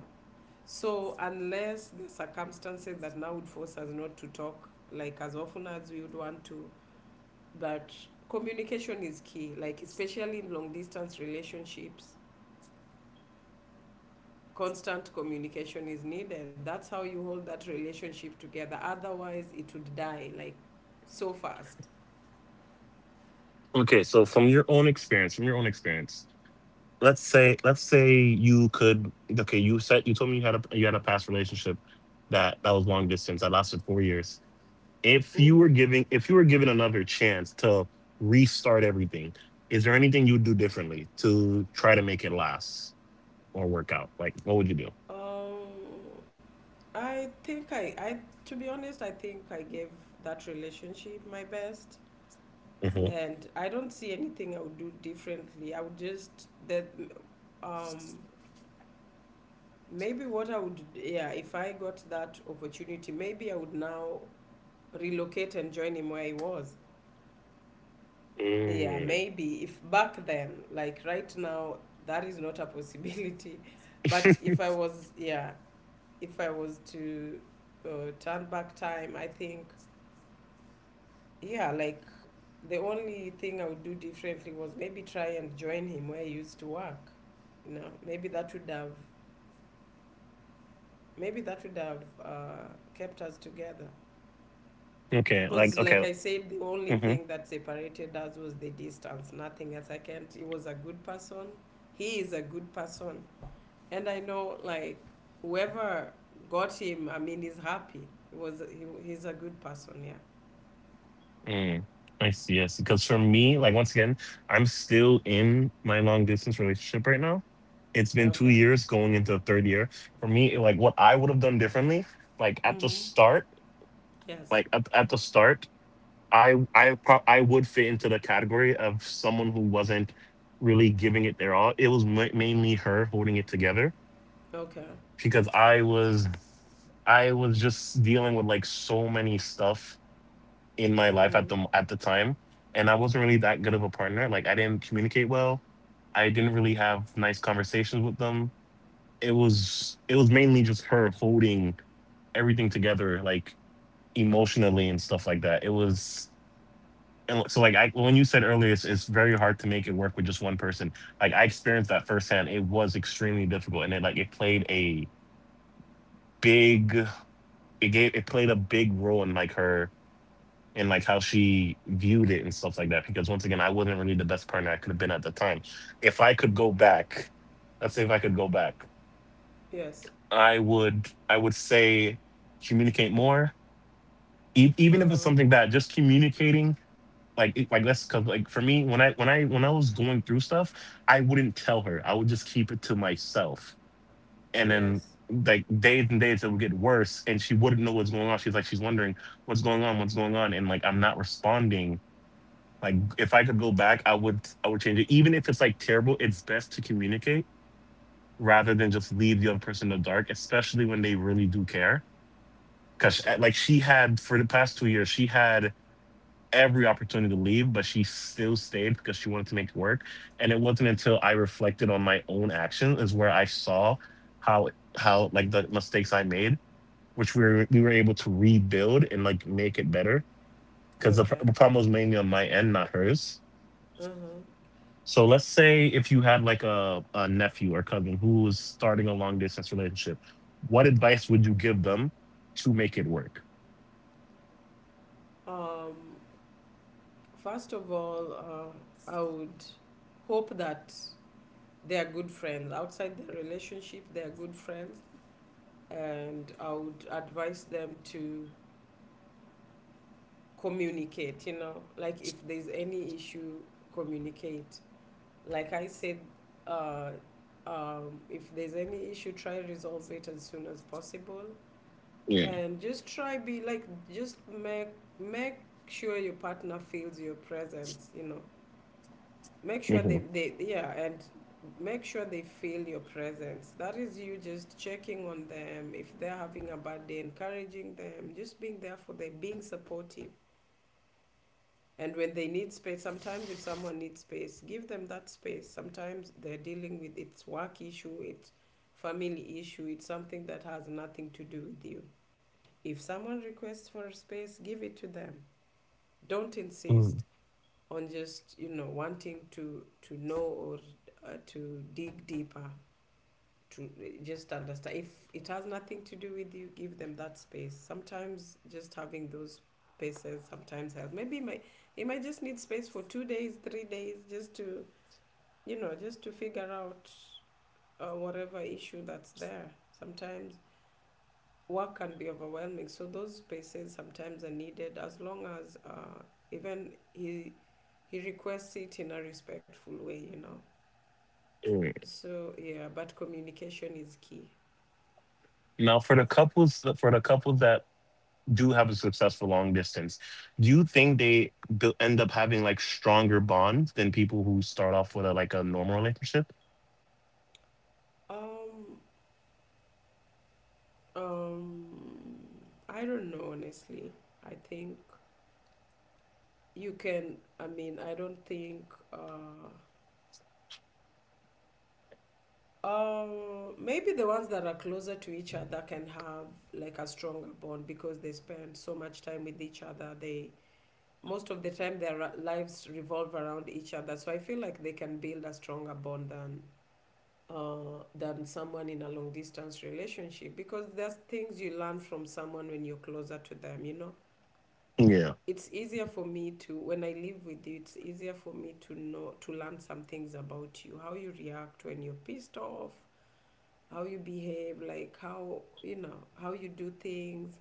B: So unless the circumstances that now would force us not to talk like as often as we would want to, but communication is key. Like especially in long distance relationships, constant communication is needed. That's how you hold that relationship together. Otherwise, it would die like so fast.
A: Okay. From your own experience, let's say you could okay. You said you told me you had a past relationship that was long distance that lasted 4 years. If you were
B: Mm-hmm.
A: giving, if you were given another chance to restart everything, is there anything you would do differently to try to make it last or work out? Like what would you do?
B: Um, I think to be honest, I think I gave that relationship my best,
A: Hmm.
B: and I don't see anything I would do differently. I would just that, um, maybe what I would, yeah, if I got that opportunity, maybe I would now relocate and join him where he was. Yeah,
A: Mm.
B: maybe if back then, like right now, that is not a possibility. (laughs) But if I was, yeah, if I was to uh, turn back time, I think, yeah, like the only thing I would do differently was maybe try and join him where he used to work. You know, maybe that would have, maybe that would have kept us together.
A: Okay, like
B: Because, like
A: okay.
B: I said, the only
A: Hmm.
B: thing that separated us was the distance, nothing else. I can't, he was a good person. He is a good person. And I know, like, whoever got him, I mean, he's happy. He was he's a good person, yeah.
A: Mm. I see, I see, because for me like once again I'm still in my long distance relationship right now. It's been two
B: Okay.
A: years going into the third year. For me like what I would have done differently, like at the
B: Mhm.
A: start,
B: Yes.
A: like at the start, I I would fit into the category of someone who wasn't really giving it their all. It was mainly her holding it together
B: Okay.
A: because I was, I was just dealing with like so many stuff in my life at
B: Mhm.
A: the time, and I wasn't really that good of a partner. Like I didn't communicate well. I didn't really have nice conversations with them. It was, it was mainly just her holding everything together, like emotionally and stuff like that. It was. And so like I when you said earlier it's very hard to make it work with just one person. Like I experienced that firsthand, it was extremely difficult, and it like it played a big it played a big role in like her and like how she viewed it and stuff like that, because once again I wasn't really the best partner I could have been at the time. If I could go back, let's say if I could go back
B: Yes.
A: I would, I would say communicate more. E-
B: Uh
A: even if it's
B: huh.
A: something bad, just communicating. Like it- like that's because like for me when I was going through stuff, I wouldn't tell her. I would just keep it to myself, and then
B: Yes.
A: like days and days it would get worse, and she wouldn't know what's going on. She's like, she's wondering what's going on, and like I'm not responding. Like if I could go back, I would, I would change it. Even if it's like terrible, it's best to communicate rather than just leave the other person in the dark, especially when they really do care. Because
B: Okay.
A: like she had for the past 2 years, she had every opportunity to leave, but she still stayed because she wanted to make it work. And it wasn't until I reflected on my own actions is where I saw how how like the mistakes I made, which we were able to rebuild and like make it better because
B: Okay.
A: the problem was mainly on my end, not hers.
B: Uh huh.
A: So let's say if you had like a nephew or cousin who was starting a long distance relationship, what advice would you give them to make it work?
B: Um. First of all, I would hope that they are good friends outside their relationship. They are good friends, and I would advise them to communicate, you know, like if there's any issue, communicate. Like I said, uh, if there's any issue, try resolve it as soon as possible and just try be like just make sure your partner feels your presence. You know, make sure
A: Mhm.
B: they, yeah, and make sure they feel your presence. That is you just checking on them, if they're having a bad day, encouraging them, just being there for them, being supportive. And when they need space, sometimes if someone needs space, give them that space. Sometimes they're dealing with its work issue, its family issue, it's something that has nothing to do with you. If someone requests for a space, give it to them. Don't
A: Mm.
B: insist on just you know wanting to know or to dig deeper to just understand. If it has nothing to do with you, give them that space. Sometimes just having those spaces sometimes helps. Maybe it might, just need space for 2 days, 3 days, just to you know just to figure out whatever issue that's there. Sometimes work can be overwhelming, so those spaces sometimes are needed, as long as, even he requests it in a respectful way, you know.
A: Mm.
B: So yeah, but communication is key.
A: Now for the
B: That's
A: couples, that do have a successful long distance, do you think they bu- end up having like stronger bonds than people who start off with a like a normal relationship?
B: um Um, I don't know, honestly. I think you can, I mean, I don't think, uh, maybe the ones that are closer to each other can have like a stronger bond because they spend so much time with each other. They, most of the time, their lives revolve around each other. So I feel like they can build a stronger bond than. Than someone in a long distance relationship, because there's things you learn from someone when you're closer to them. You know,
A: Yeah.
B: it's easier for me to when I live with you, it's easier for me to know to learn some things about you, how you react when you're pissed off, how you behave, like how you know how you do things.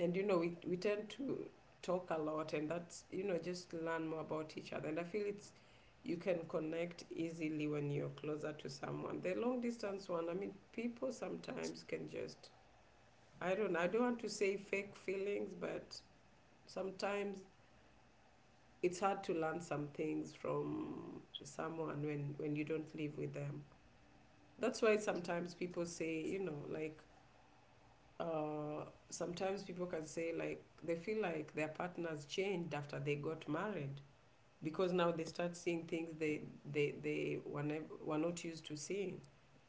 B: And you know, we tend to talk a lot, and that's, you know, just learn more about each other. And I feel it's, you can connect easily when you're closer to someone. The long distance one, I mean, people sometimes can just, I don't know, I don't want to say fake feelings, but sometimes it's hard to learn some things from someone when you don't live with them. That's why sometimes people say you know like uh, sometimes people can say like they feel like their partners changed after they got married, because now they start seeing things they were, never, were not used to seeing.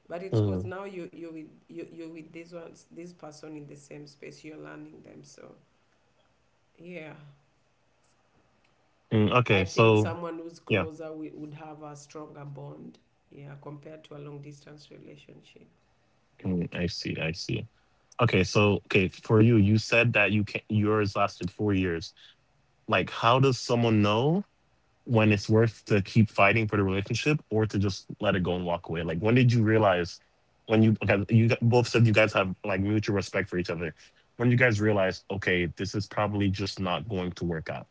B: But it's because
A: Mm.
B: now you're with you're with these ones, this person, in the same space, you're learning them. So yeah,
A: Mm,
B: I
A: okay,
B: think
A: so
B: someone who's
A: yeah.
B: closer would have a stronger bond, yeah, compared to a long distance relationship.
A: Mm, I see, I see. Okay, so okay, for you, you said that you can yours lasted 4 years. Like, how does someone know when it's worth to keep fighting for the relationship or to just let it go and walk away? Like, when did you realize when you okay, you got- both said you guys have like mutual respect for each other? When did you guys realize, okay, this is probably just not going to work out?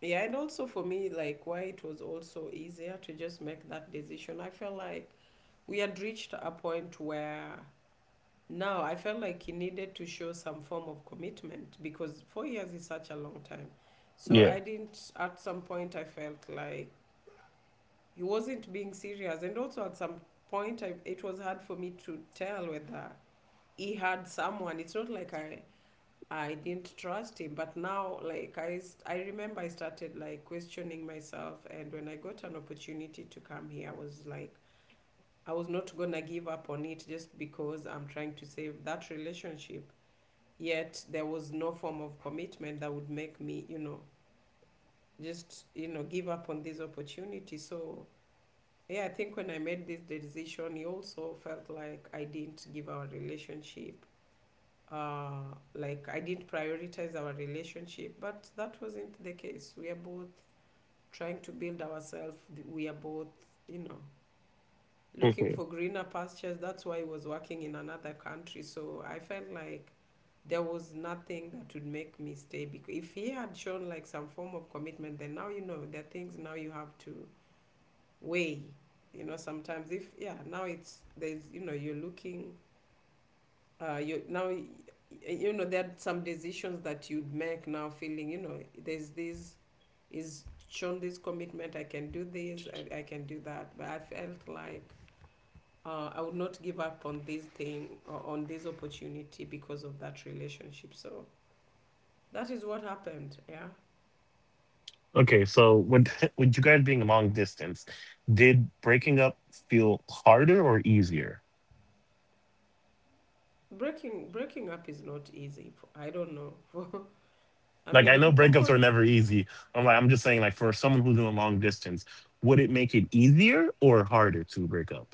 B: Yeah, and also for me, like why it was also easier to just make that decision. I felt like we had reached a point where now I felt like he needed to show some form of commitment, because 4 years is such a long time. So
A: Yeah.
B: I didn't, at some point, I felt like he wasn't being serious. And also at some point, I, it was hard for me to tell whether he had someone. It's not like I didn't trust him, but now like I remember I started like questioning myself, and when I got an opportunity to come here, I was like I was not gonna give up on it just because I'm trying to save that relationship. Yet there was no form of commitment that would make me, you know, just you know give up on this opportunity. So yeah, I think when I made this decision, he also felt like I didn't give our relationship, uh, like I didn't prioritize our relationship, but that wasn't the case. We are both trying to build ourselves. We are both, you know, looking
A: Mhm.
B: for greener pastures. That's why I was working in another country. So I felt like there was nothing that would make me stay. Because if he had shown like some form of commitment, then now you know there are things now you have to weigh. You know, sometimes if yeah, now it's there's you know you're looking, you now you know there are some decisions that you'd make now feeling you know there's this is shown this commitment, I can do this, I can do that. But I felt like, I would not give up on this thing or on this opportunity because of that relationship. So that is what happened, yeah.
A: Okay. So, with (laughs) with you guys being long distance, did breaking up feel harder or easier?
B: Breaking up is not easy for, I don't know, (laughs) for, I
A: Like,
B: mean
A: I
B: if,
A: know
B: of
A: breakups
B: course,
A: are never easy. I'm like, I'm just saying, like, for someone who's doing long distance, would it make it easier or harder to break up?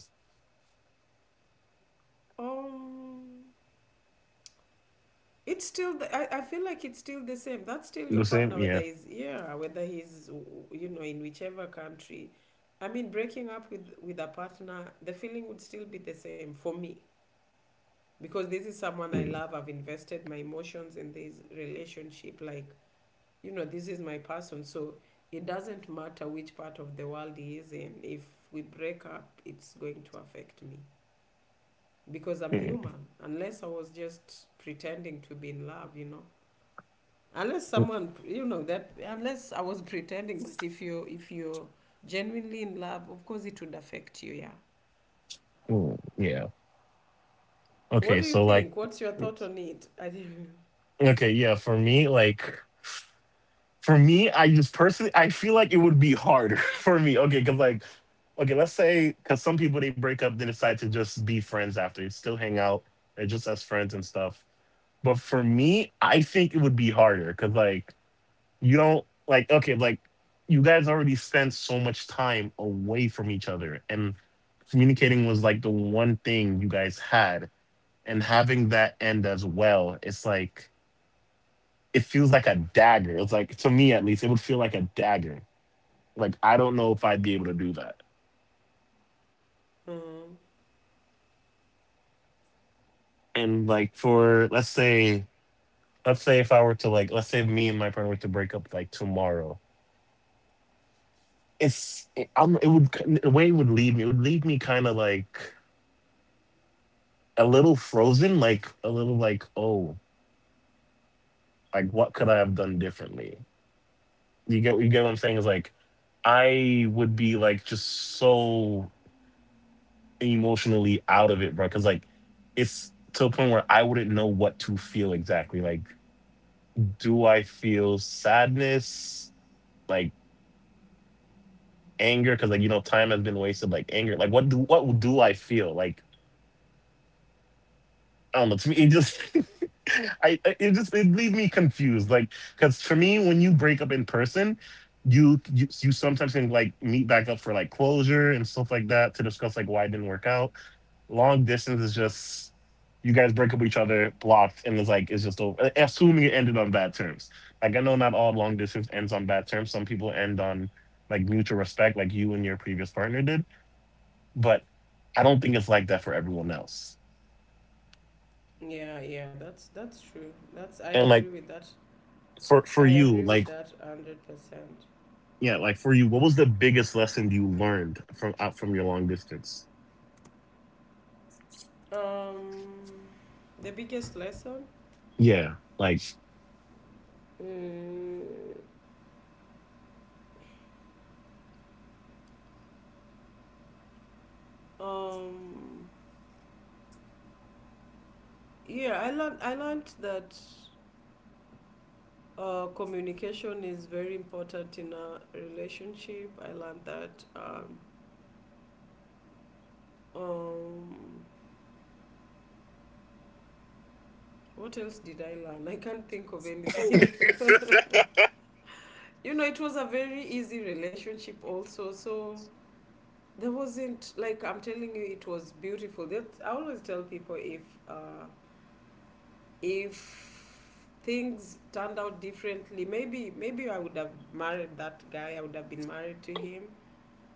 B: um it's still, I feel like it's still the same. That's still your
A: The same,
B: partner, whether
A: yeah.
B: he's yeah, whether he's, you know, in whichever country. I mean, breaking up with a partner, the feeling would still be the same for me, because this is someone I
A: Mm-hmm.
B: love. I've invested my emotions in this relationship. Like, you know, this is my person. So it doesn't matter which part of the world he is in. If we break up, it's going to affect me, because I'm
A: Mm,
B: human, unless I was just pretending to be in love, you know. Unless
A: mm,
B: someone you know that unless I was pretending, but if you if you're genuinely in love, of course it would affect you, yeah.
A: mm, yeah.
B: What
A: Okay.
B: do you
A: So like,
B: think, what's your thought on it? I think
A: okay. Yeah. For me, like, for me, I just personally, I feel like it would be harder (laughs) for me. Okay. Cause like, okay, let's say, cause some people they break up, they decide to just be friends after, they still hang out, they're just as friends and stuff. But for me, I think it would be harder. Cause you don't you guys already spent so much time away from each other, and communicating was like the one thing you guys had, and having that end as well, it's like it feels like a dagger. It's like, to me at least, it would feel like a dagger. Like, I don't know if I'd be able to do that.
B: (laughs) uh,
A: And like for let's say if I were to, like let's say if me and my partner were to break up like tomorrow, it would, the way it would leave me, it would leave me kind of like a little frozen, like a little like, oh, like what could I have done differently? You get what I'm saying? Is like I would be like just so emotionally out of it, bro. Because like it's to a point where I wouldn't know what to feel exactly. Like, do I feel sadness, like anger? Because like, you know, time has been wasted. Like anger. Like what do I feel? Like I don't know. To me, it just (laughs) it just, it leaves me confused. Like because for me, when you break up in person, you sometimes can like meet back up for like closure and stuff like that to discuss like why it didn't work out. Long distance is just, you guys break up with each other, blocked, and it's like it's just over. Assuming it ended on bad terms. Like I know not all long distance ends on bad terms. Some people end on like mutual respect, like you and your previous partner did. But I don't think it's like that for everyone else.
B: yeah, that's true. That's I
A: And
B: agree
A: like,
B: with that.
A: for
B: I
A: you,
B: agree with
A: like,
B: that 100%.
A: yeah, like for you, what was the biggest lesson you learned from out from your long distance?
B: um the biggest lesson,
A: Yeah, like.
B: mm, um yeah, I learned that, communication is very important in a relationship. I learned that. Um, what else did I learn? I can't think of anything. (laughs) You know, it was a very easy relationship, also. So there wasn't like I'm telling you, it was beautiful. That I always tell people, if, uh, if things turned out differently, maybe I would have married that guy, I would have been married to him,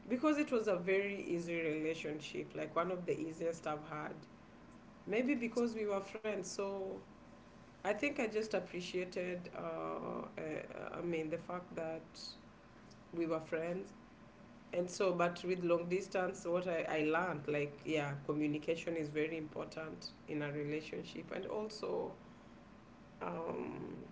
B: because it was a very easy relationship, like one of the easiest I've had. Maybe because we were friends. So I think I just appreciated. The fact that we were friends. And so, but with long distance, what I learned, like, yeah, communication is very important in a relationship, and also. Um,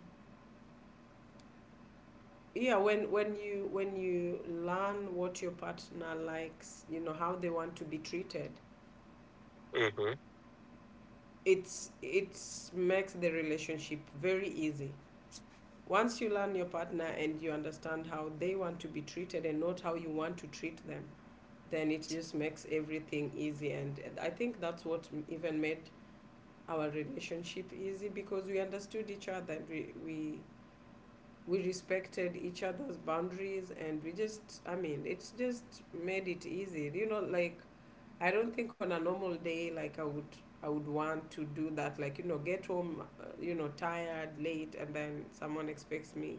B: yeah, when when you learn what your partner likes, you know how they want to be treated,
A: Mm-hmm.
B: it's makes the relationship very easy. Once you learn your partner and you understand how they want to be treated and not how you want to treat them, then it just makes everything easy. And I think that's what even made our relationship easy, because we understood each other and we respected each other's boundaries, and we just, I mean, it's just made it easy. I don't think on a normal day, like, I would want to do that, like, you know, get home, you know, tired, late, and then someone expects me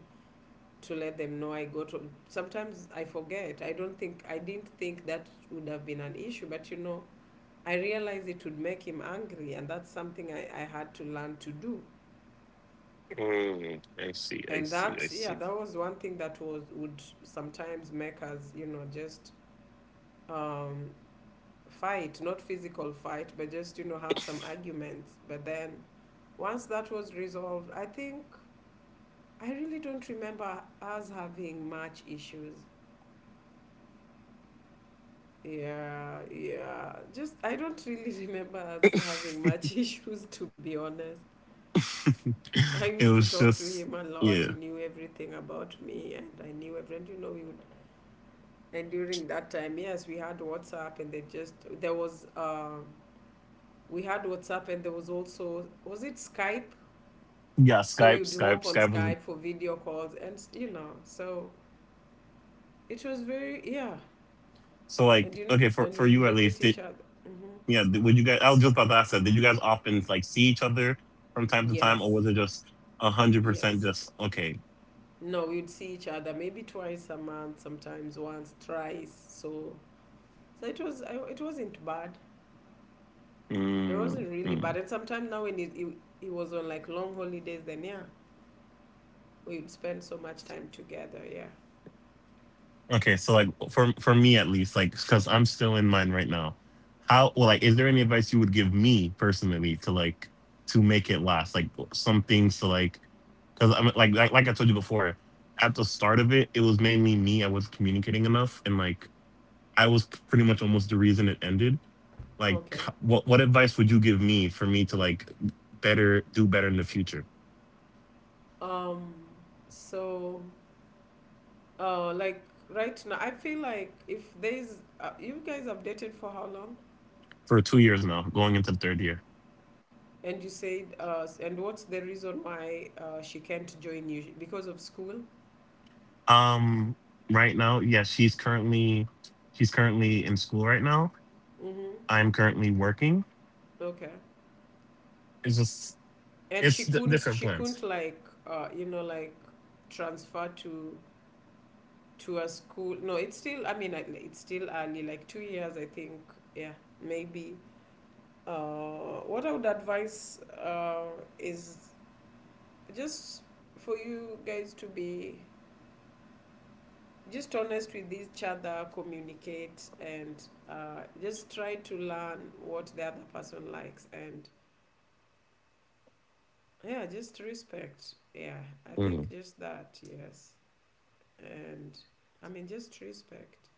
B: to let them know I got home. Sometimes I forget. I didn't think that would have been an issue, but, you know, I realized it would make him angry, and that's something I had to learn to do.
A: Mm, I see. I
B: And
A: see. I
B: that, yeah,
A: see.
B: that was one thing that was would sometimes make us, you know, just um fight. Not physical fight, but just, you know, have some arguments. But then once that was resolved, I think I really don't remember us having much issues. Yeah, yeah. Just, I don't really (laughs) remember us having much (laughs) issues, to be honest. I
A: (laughs) It
B: used to
A: was
B: talk to
A: just
B: him a lot.
A: yeah.
B: He knew everything about me, and I knew everything. You know, we would. And during that time, yes, we had WhatsApp, and they just there was. We had WhatsApp, and there was also, was it Skype?
A: Yeah,
B: So
A: Skype,
B: we would
A: Skype,
B: hop on
A: Skype was the-
B: Skype for video calls, and, you know, so it was very, yeah.
A: so like
B: And you
A: okay, for
B: and
A: for
B: we would
A: you at least.
B: visit
A: Did.
B: each other.
A: Yeah? Did, would you guys? I was just about to ask that. Did you guys often like see each other from time to time, or
B: Yes,
A: was it just 100%
B: yes.
A: just okay?
B: No, we'd see each other maybe twice a month, sometimes once, thrice. So, so it was. I, it wasn't bad. It
A: Mm,
B: wasn't really
A: mm.
B: bad. And sometimes now when it was on, like, long holidays, then, yeah, we would spend so much time together. Yeah.
A: Okay, so like for me at least, like because I'm still in mine right now. How well, like, is there any advice you would give me personally to like to make it last? Like some things to like, because I'm like I told you before, at the start of it, it was mainly me. I was communicating enough and like I was pretty much almost the reason it ended. Like,
B: Okay.
A: what advice would you give me for me to like better do better in the future?
B: Um. So, like, right now, I feel like if there's, you guys have dated for how long?
A: For 2 years now, going into the third year.
B: And you said, and what's the reason why, she can't join you? Because of school?
A: Um, right now, yes, she's currently in school right now.
B: Mm-hmm.
A: I'm currently working.
B: Okay.
A: It's just,
B: And
A: different
B: she
A: plans.
B: couldn't, like, you know, like, transfer to a school. No, it's still, I mean, it's still early, like 2 years, I think. Yeah, maybe. What I would advise, is just for you guys to be just honest with each other, communicate, and, just try to learn what the other person likes. And yeah, just respect. Yeah, I
A: Mm.
B: think just that, yes. And I mean, just respect.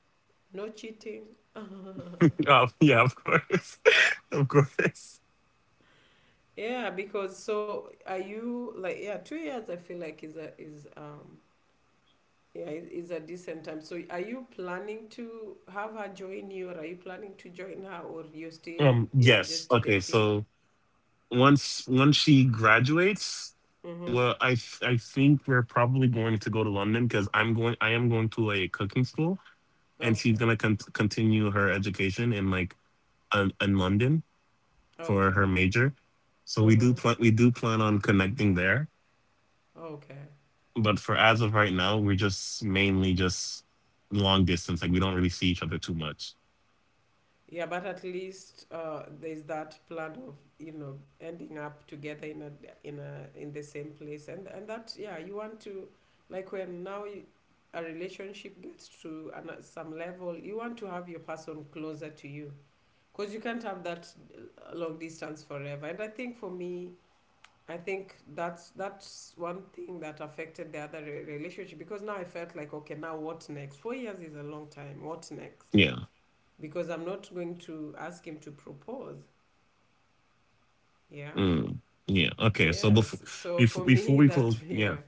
B: No cheating.
A: Oh, (laughs)
B: (laughs)
A: yeah, of course. (laughs) Of course.
B: Yeah, because so are you, like, yeah, 2 years I feel like is is, yeah, is a decent time. So, are you planning to have her join you, or are you planning to join her, or you're still, yeah,
A: Yes.
B: just
A: Okay,
B: dating?
A: so once she graduates.
B: Mm-hmm.
A: Well, I think we're probably going to go to London because I'm going. I am going to a cooking school, and she's
B: Okay.
A: gonna continue her education in like in London for her
B: Okay.
A: major. So
B: Mm-hmm.
A: We do plan on connecting there,
B: Okay.
A: but for as of right now, we're just mainly just long distance. Like we don't really see each other too much.
B: Yeah, but at least, there's that plan of, you know, ending up together in a in the same place, and that, yeah, you want to, like, when now you, a relationship gets to an, some level, you want to have your person closer to you because you can't have that, long distance forever. And I think for me, I think that's one thing that affected the other relationship, because now I felt like, okay, now what next? 4 years is a long time. What next?
A: Yeah.
B: Because I'm not going to ask him to propose. Yeah.
A: Mm. Yeah. Okay. So
B: Yes. So for
A: before
B: me
A: we
B: that
A: close,
B: (laughs)
A: yeah.
B: yeah,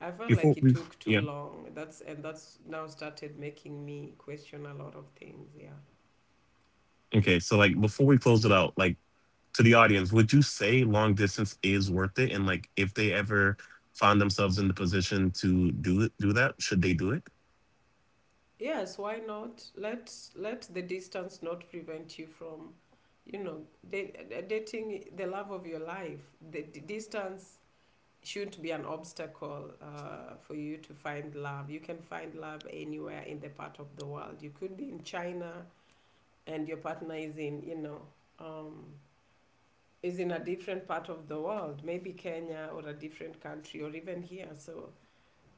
B: I felt
A: Before
B: like it
A: we
B: took
A: yeah.
B: too long. That's now started making me question a lot of things. Yeah.
A: Okay. So like before we close it out, like, to the audience, would you say long distance is worth it? And like, if they ever find themselves in the position to do it, do that, should they do it?
B: Yes, why not? Let the distance not prevent you from, you know, dating the love of your life. The distance shouldn't be an obstacle, for you to find love. You can find love anywhere in the part of the world. You could be in China and your partner is in, you know, um, is in a different part of the world, maybe Kenya or a different country, or even here. So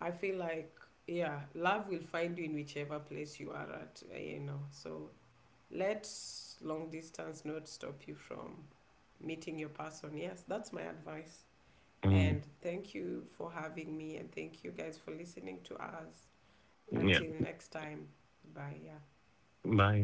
B: I feel like, yeah, love will find you in whichever place you are at, you know. So let long distance not stop you from meeting your person. Yes, that's my advice.
A: Mm,
B: And thank you for having me, and thank you guys for listening to us.
A: yeah.
B: Until next time, bye. Yeah.
A: Bye.